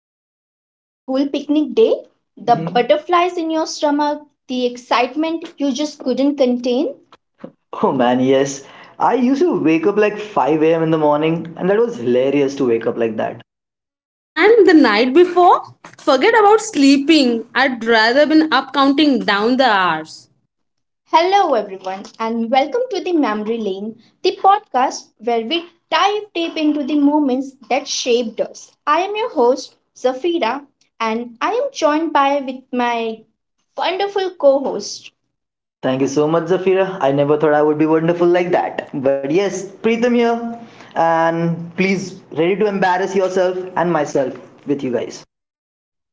waking up on a school picnic day? The Mhm. butterflies in your stomach, the excitement you just couldn't contain? Oh man, yes. I used to wake up like 5 a.m. in the morning, and that was hilarious to wake up like that. And the night before, forget about sleeping. I'd rather been up counting down the hours. Hello, everyone, and welcome to the Memory Lane, the podcast where we dive deep into the moments that shaped us. I am your host, Zafira, and I am joined by with my wonderful co host. Thank you so much, Zafira. I never thought I would be wonderful like that. But yes, Preetham here, and please, ready to embarrass yourself and myself with you guys.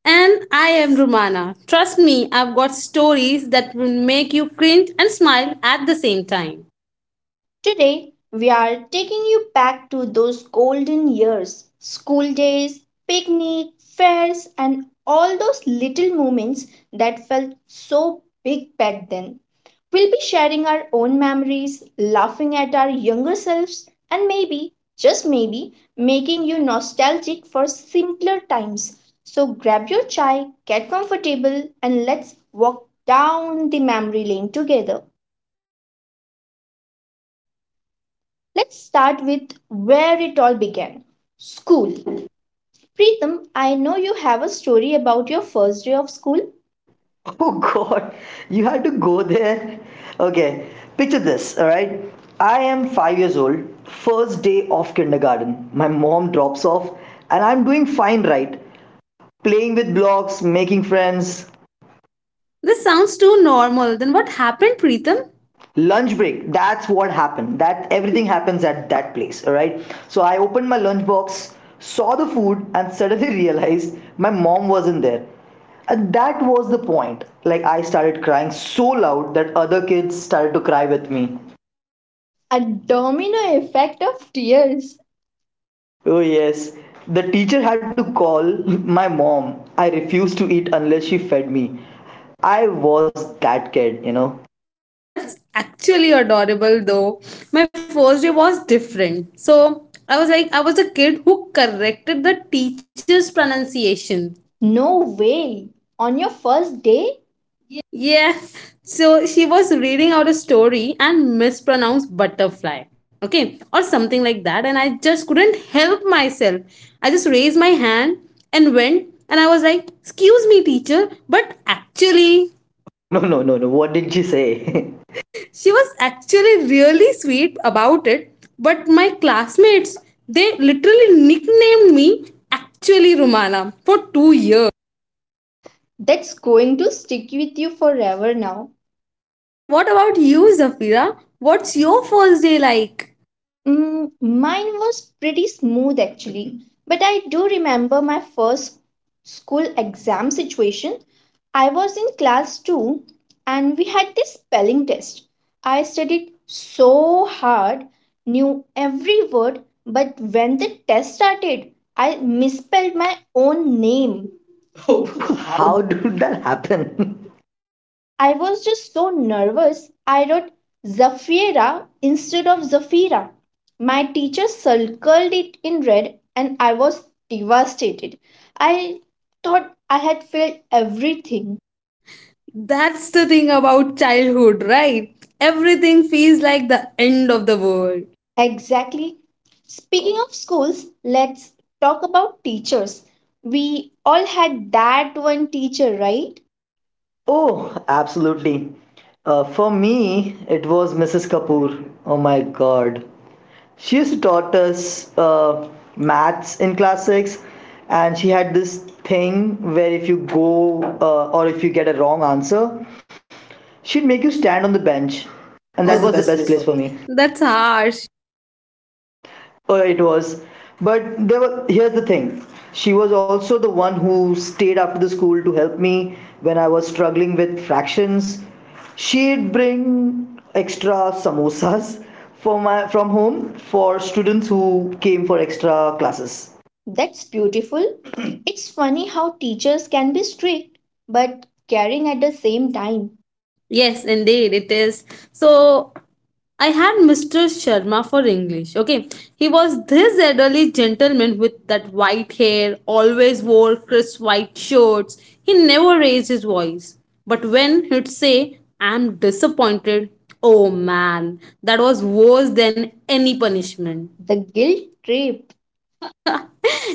And I am Rumana. Trust me, I've got stories that will make you cringe and smile at the same time. Today, we are taking you back to those golden years school days, picnic, fairs, and all those little moments that felt so big back then. We'll be sharing our own memories, laughing at our younger selves, and maybe, just maybe, making you nostalgic for simpler times. So grab your chai, get comfortable, and let's walk down the memory lane together. Let's start with where it all began school. Preetham, I know you have a story about your first day of school. Oh god, you had to go there? Okay, picture this, alright? I am 5 years old, first day of kindergarten. My mom drops off, and I'm doing fine, right? Playing with blocks, making friends, This sounds too normal. Then what happened, Preetham? lunch break, that's what happened. That everything happens at that place. All right, so I opened my lunch box, saw the food, and suddenly realized my mom wasn't there. And that was the point, like, I started crying so loud that other kids started to cry with me. A domino effect of tears. Oh yes, the teacher had to call my mom. I refused to eat unless she fed me. I was that kid. That's actually adorable though. My first day was different. So I was a kid who corrected the teacher's pronunciation. No way. On your first day? Yeah. So she was reading out a story and mispronounced butterfly. Okay. Or something like that. And I just couldn't help myself. I just raised my hand and went. And I was like, excuse me, teacher, but actually Oh no, no, no, no, what did she say? she was actually really sweet about it. But my classmates, they literally nicknamed me actually Rumana for 2 years. That's going to stick with you forever now. So, what about you, Zafira? What's your first day like? Mm, mine was pretty smooth actually, but I do remember my first school exam situation. I was in class 2 and we had this spelling test. I studied so hard, knew every word, but when the test started, I misspelled my own name. Oh, Oh. how did that happen? I was just so nervous I wrote Zafira instead of Zafira. My teacher circled it in red and I was devastated. I thought I had failed everything. That's the thing about childhood, right? Everything feels like the end of the world. Exactly. Speaking of schools, let's talk about teachers. We all had that one teacher, right? Oh, absolutely. For me, it was Mrs. Kapoor. Oh my God. She used to taught us maths in class 6, and she had this thing where if you get a wrong answer, she'd make you stand on the bench. And And that that, oh, was was the the best best place place for for me. me. That's harsh. It was, but there were here's the thing, she was also the one who stayed after the school to help me when I was struggling with fractions. She'd bring extra samosas from home for students who came for extra classes. That's beautiful. It's funny how teachers can be strict but caring at the same time. Yes, indeed, it is. So, I had Mr. Sharma for English. Okay, he was this elderly gentleman with that white hair, always wore crisp white shirts. He never raised his voice. But when he'd say, I'm disappointed, oh man, that was worse than any punishment. The guilt trip.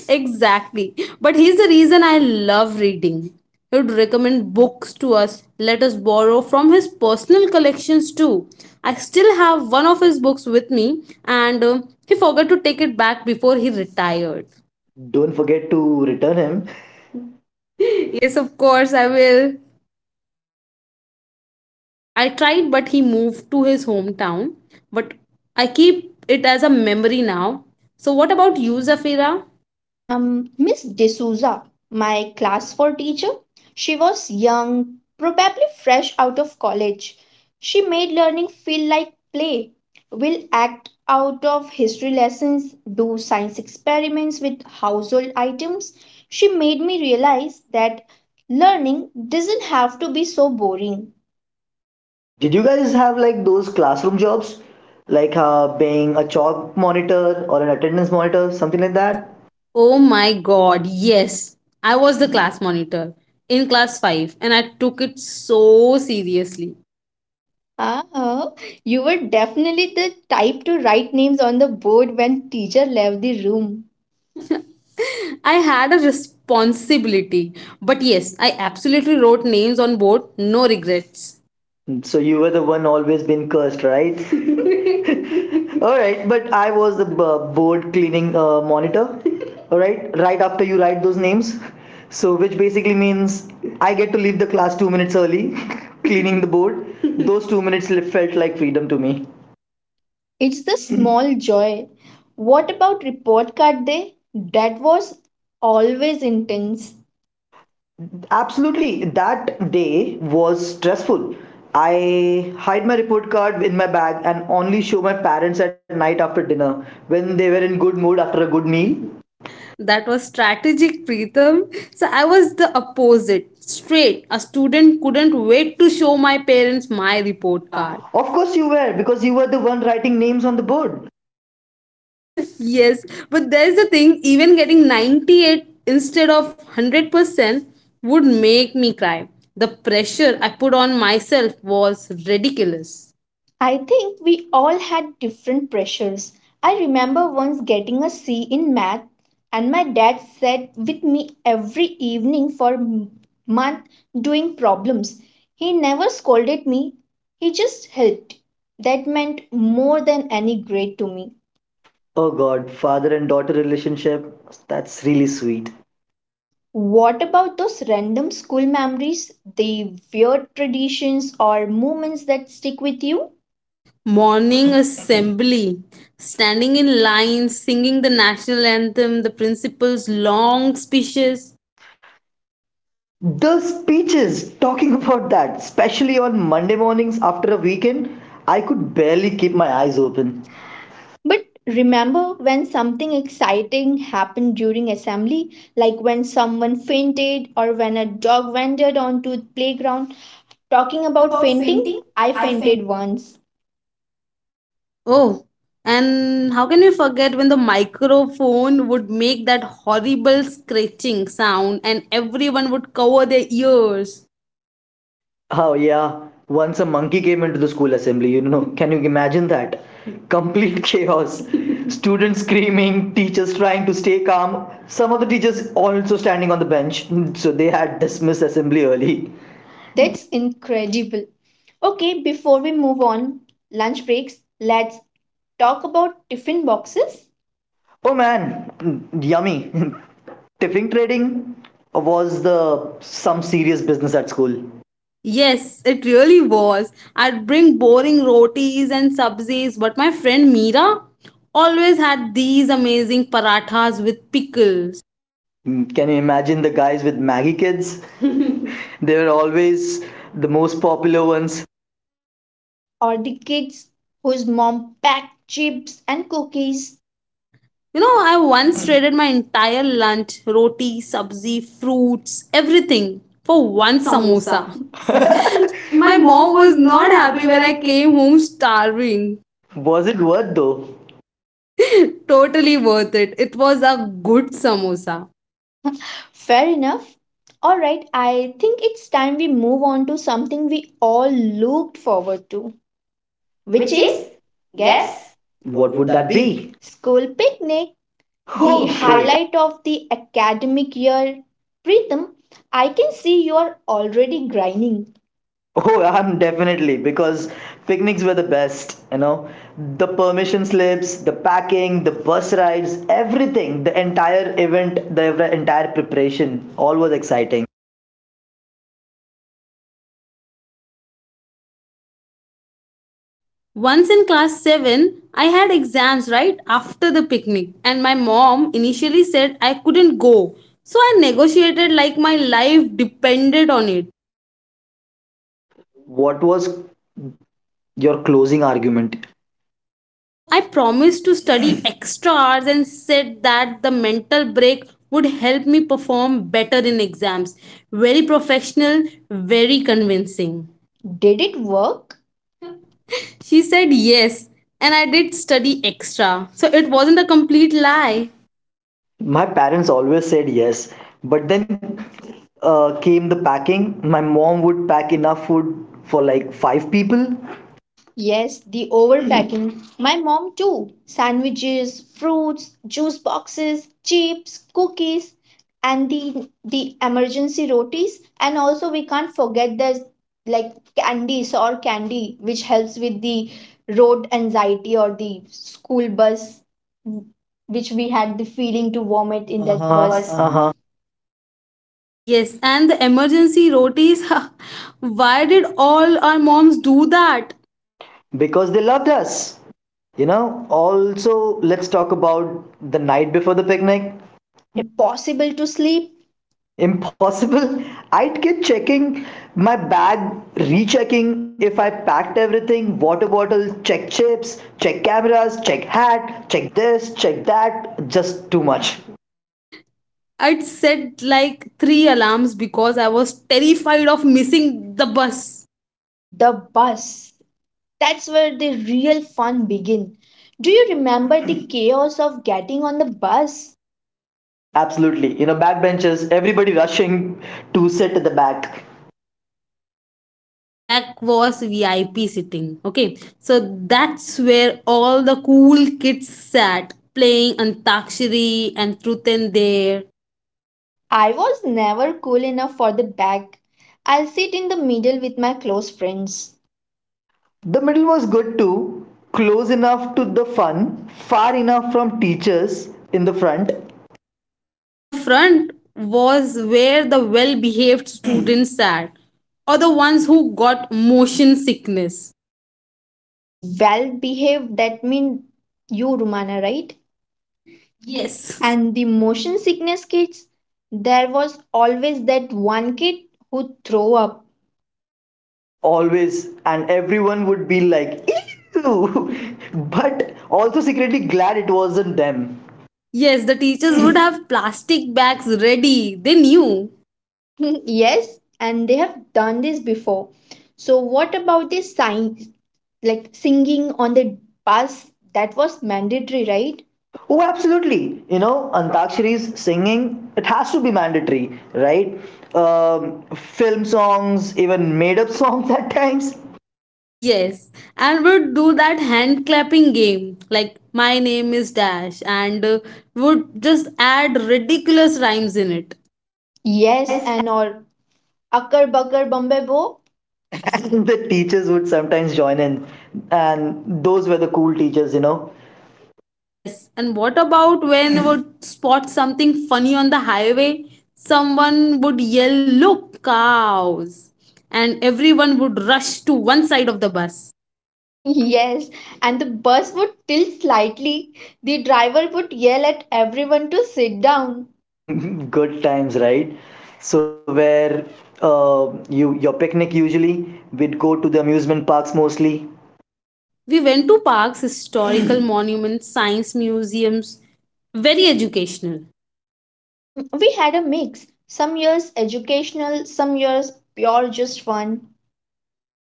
Exactly. But here's the reason I love reading. He would recommend books to us, let us borrow from his personal collections too. I still have one of his books with me, and he forgot to take it back before he retired. Don't forget to return him. Yes, of course, I will. I tried, but he moved to his hometown. But I keep it as a memory now. So, what about you, Zafira? Miss D'Souza, my class 4 teacher, she was young, probably fresh out of college. She made learning feel like play. We'll act out of history lessons, do science experiments with household items. She made me realize that learning doesn't have to be so boring. Did you guys have like those classroom jobs, like being a chalk monitor or an attendance monitor, something Something like like that? that. Oh my god, yes. I was the class monitor in class 5 and I took it so seriously. Ah, you were definitely the type to write names on the board when teacher left the room. I had a responsibility. But yes, I absolutely wrote names on board, no regrets. So you were the one always being cursed, right? All right, but I was the board cleaning monitor. All right, right after you write those names, so which basically means I get to leave the class 2 minutes early, cleaning the board. Those 2 minutes felt like freedom to me. It's the small joy. What about report card day? That was always intense. Absolutely, that day was stressful. I hide my report card in my bag and only show my parents at night after dinner when they were in good mood after a good meal. That was strategic, Preetham. So I was the opposite, straight. A student couldn't wait to show my parents my report card. Of course you were because you were the one writing names on the board. Yes, but there's the thing, even getting 98 instead of 100% would make me cry. The pressure I put on myself was ridiculous. I think we all had different pressures. I remember once getting a C in math, and my dad sat with me every evening for month doing problems. He never scolded me, he just helped. That meant more than any grade to me. Oh God, father and daughter relationship, that's really sweet. What about those random school memories, the weird traditions or moments that stick with you? Morning assembly, standing in line, singing the national anthem, the principal's long speeches. The speeches talking about that, especially on Monday mornings after a weekend, I could barely keep my eyes open. But remember when something exciting happened during assembly, like when someone fainted or when a dog wandered onto the playground? Talking about fainting, I fainted once. Oh, and how can you forget when the microphone would make that horrible scratching sound and everyone would cover their ears? Oh, yeah, once a monkey came into the school assembly. Can you imagine that? Complete chaos. Students screaming, teachers trying to stay calm, some of the teachers also standing on the bench, so they had dismissed assembly early. That's incredible. Okay, before we move on, lunch breaks, let's talk about tiffin boxes. Oh man, yummy. Tipping trading was the some serious business at school. Yes, it really was. I'd bring boring rotis and sabzis, but my friend Meera always had these amazing parathas with pickles. Mm, can you imagine the guys with Maggie kids? They were always the most popular ones. Or the kids whose mom packed chips and cookies. You know, I once traded my entire lunch, roti, sabzi, fruits, everything for One one samosa. samosa. My My mom mom was was not not happy happy when when I I came. came home starving. Was it worth though? Totally worth it. It was a good samosa. Fair enough. All right, I think it's time we move on to something we all looked forward to, which Which is is? guess. Guess? What What would would that that be? be? School picnic, the Okay. Okay. highlight of the academic year. Pritham, I can see you're already grinding. Oh, I'm definitely because picnics were the best. The permission slips, the packing, the bus rides, everything, the entire event, the entire preparation, all was exciting. Once in class 7, I had exams right after the picnic, and my mom initially said I couldn't go. So I negotiated like my life depended on it. What was your closing argument? So I promised to study extra hours and said that the mental break would help me perform better in exams. Very professional, very convincing. Did it work? She said yes, and I did study extra. So it wasn't a complete lie. My parents always said yes, but then came the packing. My mom would pack enough food for like five people. Yes, the overpacking. My mom too. Sandwiches, fruits, juice boxes, chips, cookies, and the emergency rotis. And also we can't forget the like candies or candy, which helps with the road anxiety or the school bus, which we had the feeling to vomit in In that Uh-huh. the bus. first. Uh-huh. Yes, and the emergency rotis. Why did all our moms do that? Because they loved us. Also, let's talk about the night before the picnic. Impossible to sleep. Impossible. I'd keep checking my bag, rechecking if I packed everything, water bottle, check, chips, check, cameras, check, hat, check, this, check, that. Just too much. I'd set like 3 alarms because I was terrified of missing the bus. The bus. That's where the real fun begin. Do you remember the chaos of getting on the bus? Absolutely. You know, backbenchers, everybody rushing to sit at the back. The back was VIP sitting. Okay, so that's where all the cool kids sat playing Antakshari and Truth and Dare. I was never cool enough for the back. I'll sit in the middle with my close friends. The middle was good too, close enough to the fun, far enough from teachers in the front. The front was where the well behaved students sat or the ones who got motion sickness. Well behaved, that mean you, Rumana, right? Yes, And the motion sickness kids, there was always that one kid who throw up. Always. And everyone would be like, ew. But also secretly glad it wasn't them. yes, the teachers would have plastic bags ready. They knew. Yes, and they have done this before. So what about this sign like singing on the bus, that was mandatory, right? Oh, absolutely, antakshari's singing, it has to be mandatory, right? Film songs, even made up songs at times. Yes, and would do that hand clapping game like my name is Dash and would just add ridiculous rhymes in it. Yes, and or Akkar Bakkar Bombay Bo. The teachers would sometimes join in, and those were the cool teachers. Yes, and what about when would spot something funny on the highway? Someone would yell, look, cows! And everyone would rush to one side of the bus. Yes, and the bus would tilt slightly. The driver would yell at everyone to sit down. Good times, right? So where your picnic usually, we'd go to the amusement parks mostly. We went to parks, historical monuments, science museums. Very educational. Mm, we had a mix. Some years educational, some years pure just fun.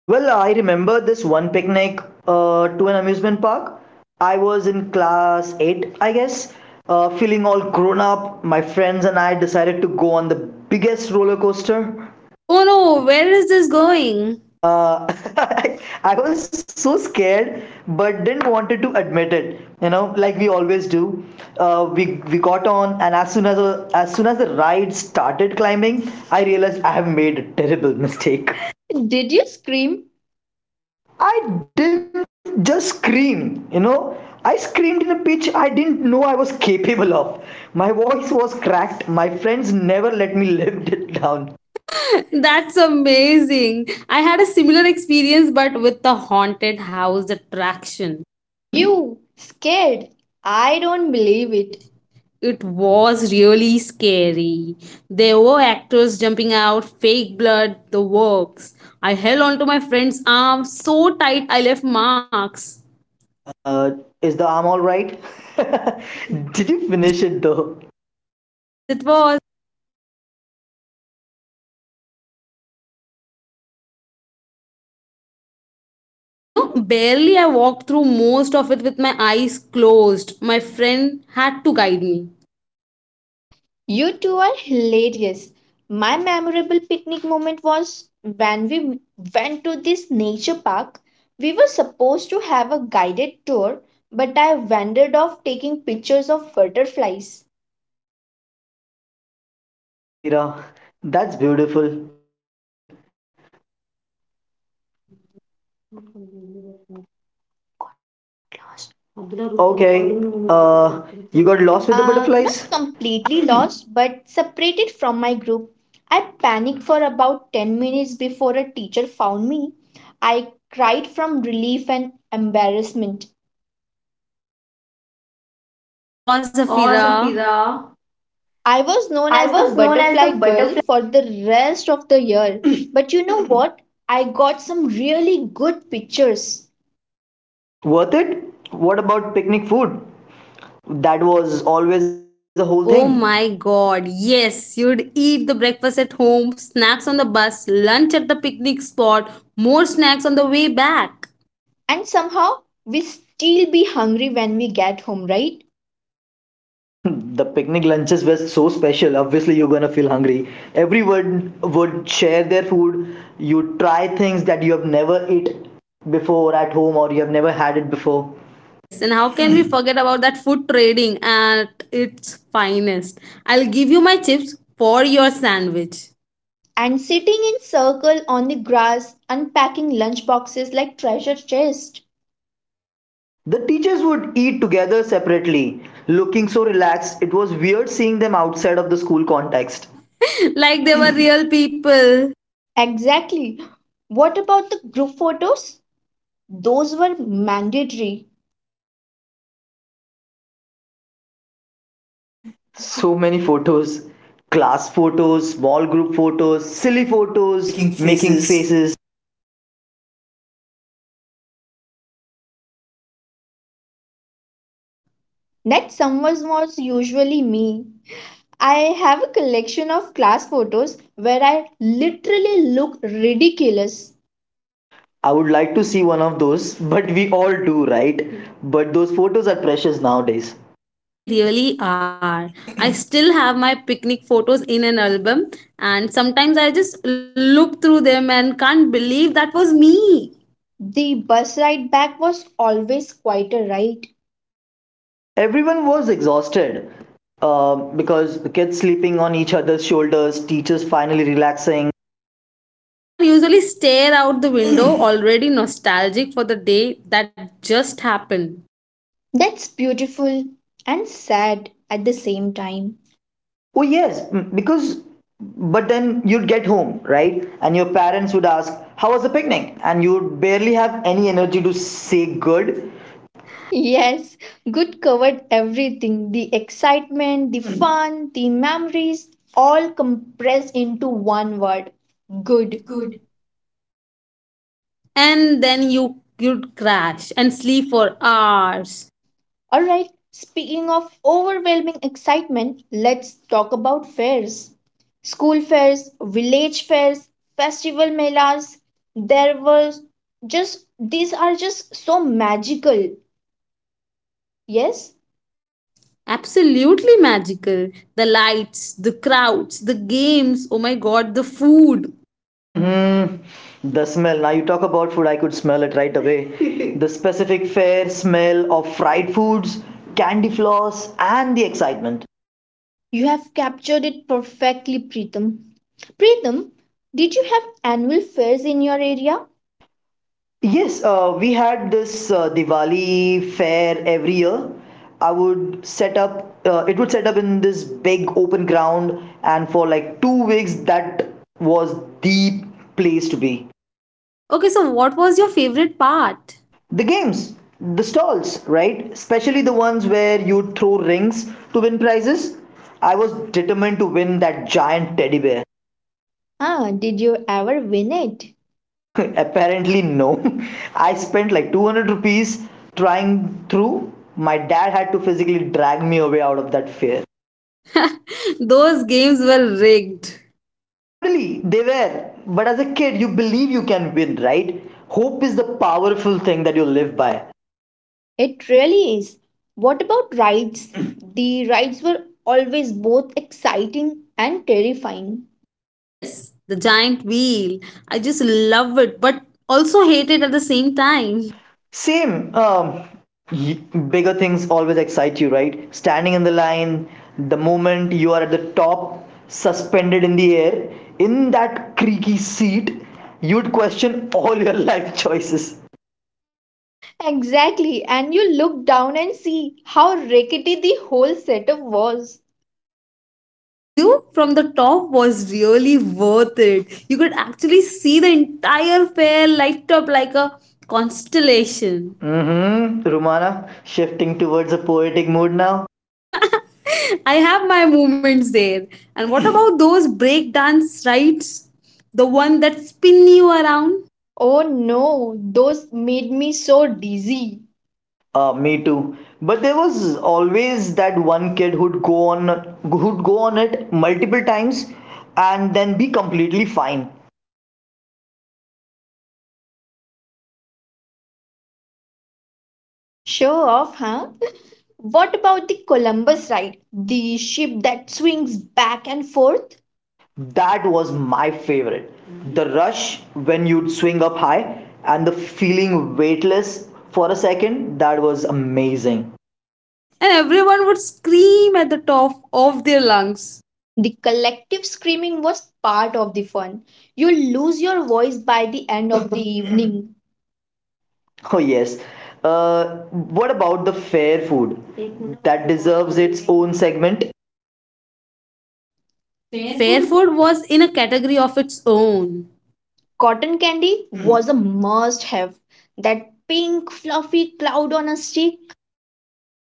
Well, I remember this one picnic to an amusement park. I was in class 8, I guess, feeling all grown up. My friends and I decided to go on the biggest roller coaster. Oh no, where is this going? Uh, I was so scared, but didn't wanted to admit it. You know, like we always do. We got on, and as soon as the ride started climbing, I realized I have made a terrible mistake. Did you scream? I didn't just scream. I screamed in a pitch I didn't know I was capable of. My voice was cracked. My friends never let me live it down. That's amazing. I had a similar experience but with the haunted house attraction. You scared? I don't believe it. It was really scary. There were actors jumping out, fake blood, the works. I held onto my friend's arm so tight I left marks. Uh, is the arm alright? Did you Did you finish? finish it though? Yes, it was. You know, barely. I walked through most of it with my eyes closed. My friend had to guide me. You two are hilarious. My memorable picnic moment was when we went to this nature park. We were supposed to have a guided tour, but I wandered off taking pictures of butterflies. Oh, Zafira, that's beautiful. Okay, uh, you got lost with the butterflies? Not completely lost, but separated from my group. I panicked for about 10 minutes before a teacher found me. I cried from relief and embarrassment. Oh, Oh, Zafira. Zafira. I was known as the butterfly girl for the rest of the year. But you know what? I got some really good pictures. Worth it? What about picnic food? That was always the whole thing. Oh my god. Yes, you'd eat the breakfast at home, snacks on the bus, lunch at the picnic spot, more snacks on the way back. And somehow we still be hungry when we get home, right? Hmm, the picnic lunches were so special. Obviously, you're gonna feel hungry. Everyone would share their food. You try things that you have never eat before at home, or you have never had it before. Yes, and how can we forget about that food trading at its finest? I'll give you my chips for your sandwich. And sitting in circle on the grass, unpacking lunch boxes like treasure chest. The teachers would eat together separately, looking so relaxed. It was weird seeing them outside of the school context. Like they were real people. Exactly. What about the group photos? Those were mandatory. So many photos, class photos, small group photos, silly photos, Making making faces. faces. Next summers was usually me. I have a collection of class photos where I literally look ridiculous. I would like to see one of those, but we all do, right? But those photos are precious nowadays. They really are. I still have my picnic photos in an album, and sometimes I just look through them and can't believe that was me. The bus ride back was always quite a ride. Everyone was exhausted because the kids sleeping on each other's shoulders, teachers finally relaxing. I usually stare out the window, already nostalgic for the day that just happened. That's beautiful and sad at the same time. Oh, yes, because but then you'd get home, right? And your parents would ask, "How was the picnic?" And you'd barely have any energy to say good. Yes, good covered everything the excitement, the fun, the memories, all compressed into one word good. Good. And then you'd crash and sleep for hours. All right, speaking of overwhelming excitement, let's talk about fairs. School fairs, village fairs, festival melas. There was just, these are just so magical. Yes, Absolutely magical. The lights, the crowds, the games. Oh my god, the food. Mm-hmm. The smell. Now you talk about food, I could smell it right away. The specific fair smell of fried foods, candy floss, and the excitement. you have captured it perfectly, Preetam. Preetam, did you have annual fairs in your An area? area? Yes, we had this Diwali fair every year. I would set up, it would set up in this big open ground, and for like 2 weeks, that was the place to be. Okay, so what was your favorite part? The games, the stalls, right? Especially the ones where you throw rings to win prizes. I was determined to win that giant teddy bear. Ah, did you ever win it? Apparently no. I spent like 200 rupees trying, through my dad had to physically drag me away out of that fear. Those games were rigged. Totally, they were. But as a kid, you believe you can win, right? Hope is the powerful thing that you live by. It really is. What about rides? The rides were always both exciting and terrifying. Yes, the giant wheel. I just love it, but also hate it at the same time. Same. Y- Bigger things always excite you, right? Standing in the line, the moment you are at the top, suspended in the air, in that creaky seat, you'd question all your life choices. Exactly, and you look down and see how rickety the whole setup was. But the view from the top was really worth it. You could actually see the entire fair light up like a constellation. Mm-hmm. Rumana, shifting towards a poetic mood now. I have my moments there. And what about those breakdance rides? The one that spin you around? Oh no, those made me so dizzy. Me too. But there was always that one kid who'd go on it multiple times, and then be completely fine. I was that kid. Iron stomach. I could handle anything. Show off, huh? What about the Columbus ride? The ship that swings back and forth? That was my favorite. The rush when you'd swing up high and the feeling weightless for a second, that was amazing. And everyone would scream at the top of their lungs. The collective screaming was part of the fun. You lose your voice by the end of the evening. Oh yes, uh, what about the fair food? That deserves its own segment. Fair food was in a category of its own. Cotton candy was a must have. That pink, fluffy cloud on a stick.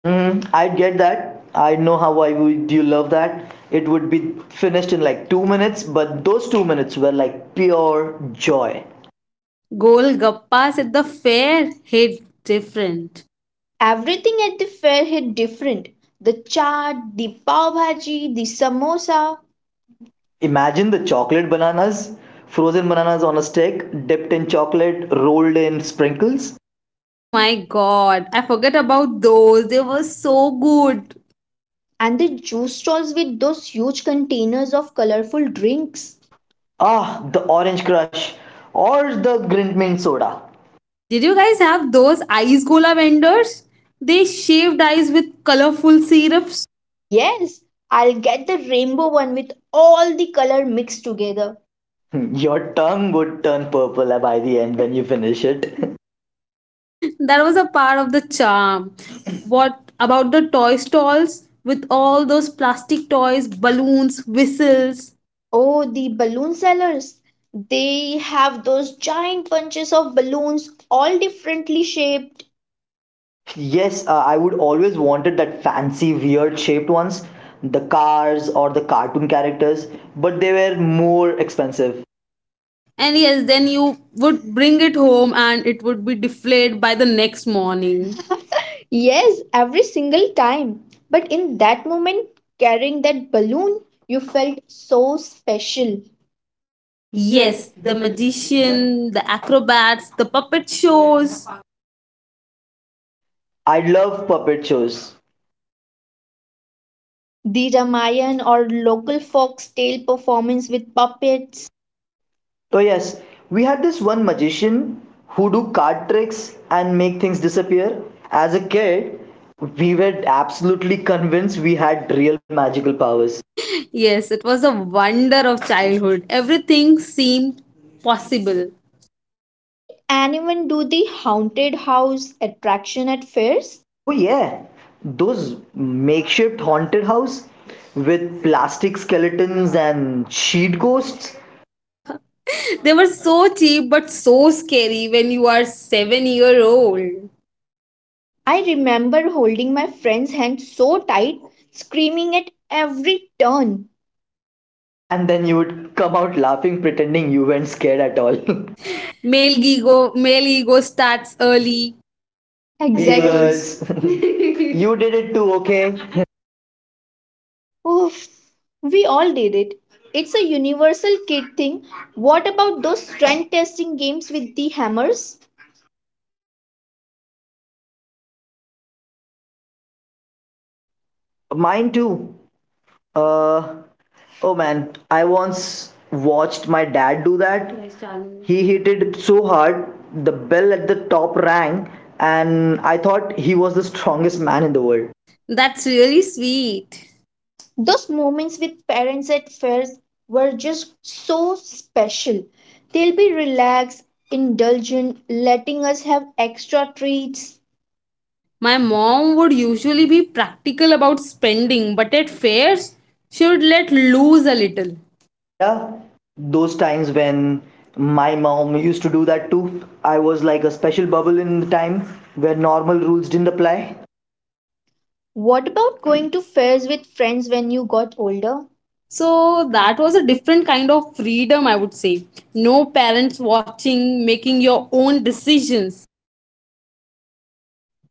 Hmm, I get that. I know how I would you love that. It would be finished in like 2 minutes, but those 2 minutes were like pure joy. Golgappas at the fair hit different. Everything at the fair hit different. The chaat, the pav bhaji, the samosa, Imagine the chocolate bananas, frozen bananas on a stick, dipped in chocolate, rolled in sprinkles. Oh my god, I forget about those. They were so good. and the juice stalls with those huge containers of colorful drinks. Ah, the orange crush or the grint mint soda. Did you guys have those ice gola vendors? They shaved ice with colorful syrups. Yes, I'll get the rainbow one with all the color mixed together. Hmm, your tongue would turn purple by the end when you finish it. That was a part of the charm. What about the toy stalls with all those plastic toys, balloons, whistles? Oh, the balloon sellers. They have those giant bunches of balloons, all differently shaped. Yes, I would always wanted that fancy, weird shaped ones, the cars or the cartoon characters, but they were more expensive. And yes, then you would bring it home and it would be deflated by the next morning. Yes, every single time. But in that moment, carrying that balloon, you felt so special. Yes, Yes, the magician, the acrobats, the puppet shows. I love puppet shows. The Ramayan or local folktale performance with puppets. Oh yes, we had this one magician who do card tricks and make things disappear. As a kid, we were absolutely convinced we had real magical powers. Yes, it was a wonder of childhood. Everything seemed possible. Did anyone do the haunted house attraction at fairs? Oh yeah, those makeshift haunted house with plastic skeletons and sheet ghosts. They were so cheap but so scary when you are 7-year-old. I remember holding my friend's hand so tight, screaming at every turn. And then you would come out laughing pretending you weren't scared at all. Male ego starts early. Hey Exactly. Because girls, you did it too, okay? oof, we all did it. It's a universal kid thing. What about those strength testing games with the hammers? Mine too. Uh, Oh man, I once watched my dad do that. He hit it so hard, the bell at the top rang, and I thought he was the strongest man in the world. That's really sweet. Those moments with parents at fairs were just so special. They'll be relaxed, indulgent, letting us have extra treats. My mom would usually be practical about spending, but at fairs, she would let loose a little. Yeah, those times when my mom used to do that too. I was like a special bubble in the time where normal rules didn't apply. What about going to fairs with friends when you got older? So So that that was was a a different kind of freedom, I would say. No parents watching, making your own decisions.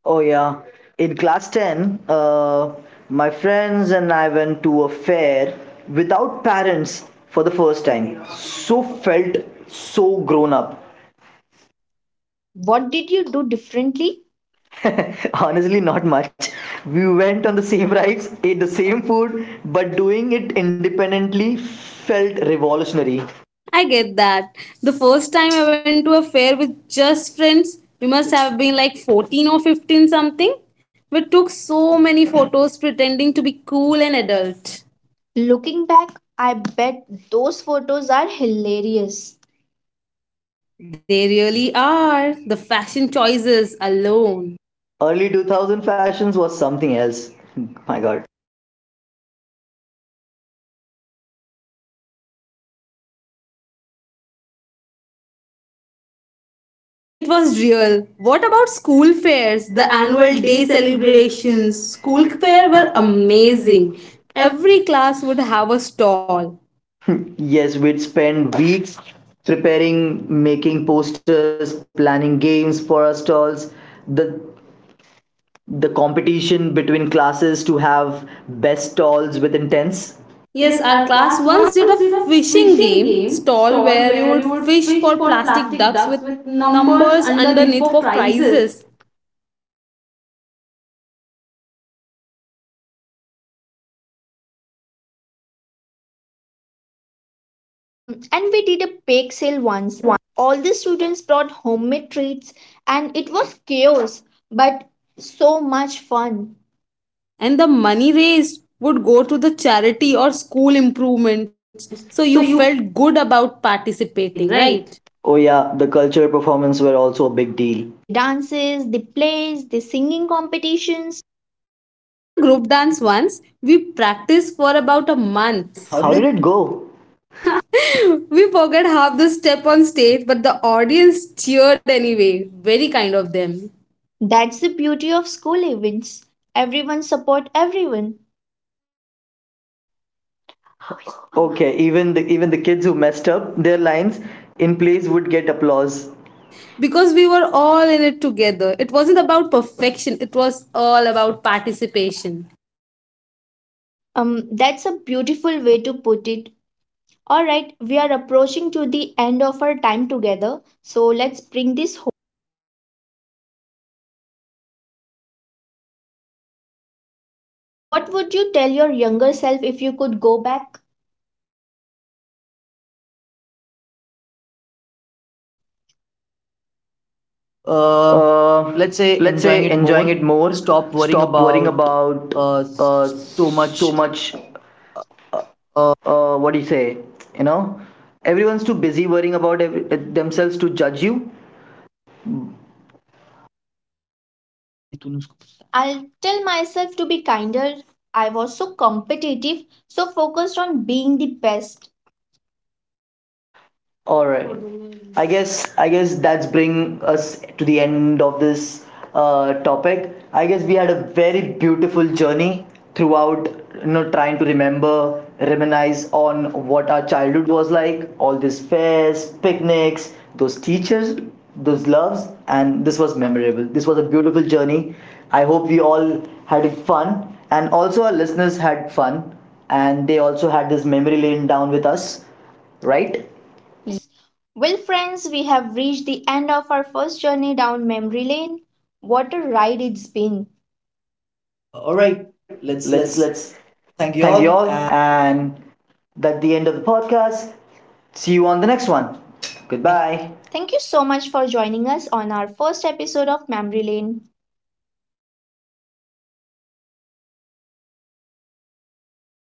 Oh yeah. In class 10, my friends and I went to a fair without parents for the first time. So felt so grown up. What did you do differently? Honestly, not much. We went on the same rides, ate the same food, but doing it independently felt revolutionary. I get that. The first time I went to a fair with just friends, we must have been like 14 or 15 something. We took so many photos pretending to be cool and adult. Looking back, I bet those photos are hilarious. They really are. The fashion choices alone. Early 2000 fashions was something else. My god. It was real. What about school fairs, Fairs, the the annual annual day day celebrations? celebrations, School school fair fair were were amazing. amazing. Every class would have a stall. Yes, we'd spend weeks preparing, making posters, planning games for our stalls. The the competition between classes to have best stalls with intense. Yes, Yes, our our class class once once did did a a fishing fishing game game stall stall where where you you would would fish fish for for plastic plastic ducks ducks with with numbers numbers underneath underneath for for prizes. prizes. And we did a bake sale Bake once. sale one. All the students brought homemade treats, and it was chaos, but so much fun. And the money raised would go to the charity or school improvements. Improvements. So So you you felt good about participating, participating, right? right? Oh yeah, the cultural performance were also a big deal. The dances, the plays, the singing competitions. I was in a group dance once. We practiced for about a month. Once. How How did did it go? it? We forgot half the step on stage, but the audience cheered anyway. Very kind of them. That's the beauty of school events. Everyone support everyone. Okay, even the kids who messed up their lines in plays would get applause. Because we were all in it together. It wasn't about perfection, it was all about participation. That's a beautiful way to put it. All right, we are approaching to the end of our time together, so let's bring this home. What would you tell your younger self if you could go back? uh, Uh, let's let's say say enjoying enjoying it it more, more. Stop stop worrying worrying about about uh, so so much. much. What do you say? You know, Everyone's too busy worrying about themselves to judge you. I'll tell myself to be kinder. I was so competitive, so focused on being the best. All right. I guess that's bring us to the end of this topic. I guess we had a very beautiful journey throughout, trying to remember, reminisce on what our childhood was like. All these fairs, picnics, those teachers, those loves, and this was memorable. This was a beautiful journey. I hope we all had fun, and also our listeners had fun, and they also had this memory lane down with us, right? Yes. Well, friends, we have reached the end of our first journey down memory lane. What a ride it's been. All All right, right, let's let's let's let's thank you thank you all, all, and and that's the end of the podcast. See you on the next one. bye. Goodbye. Thank you so much for joining us on our first episode of Memory Lane.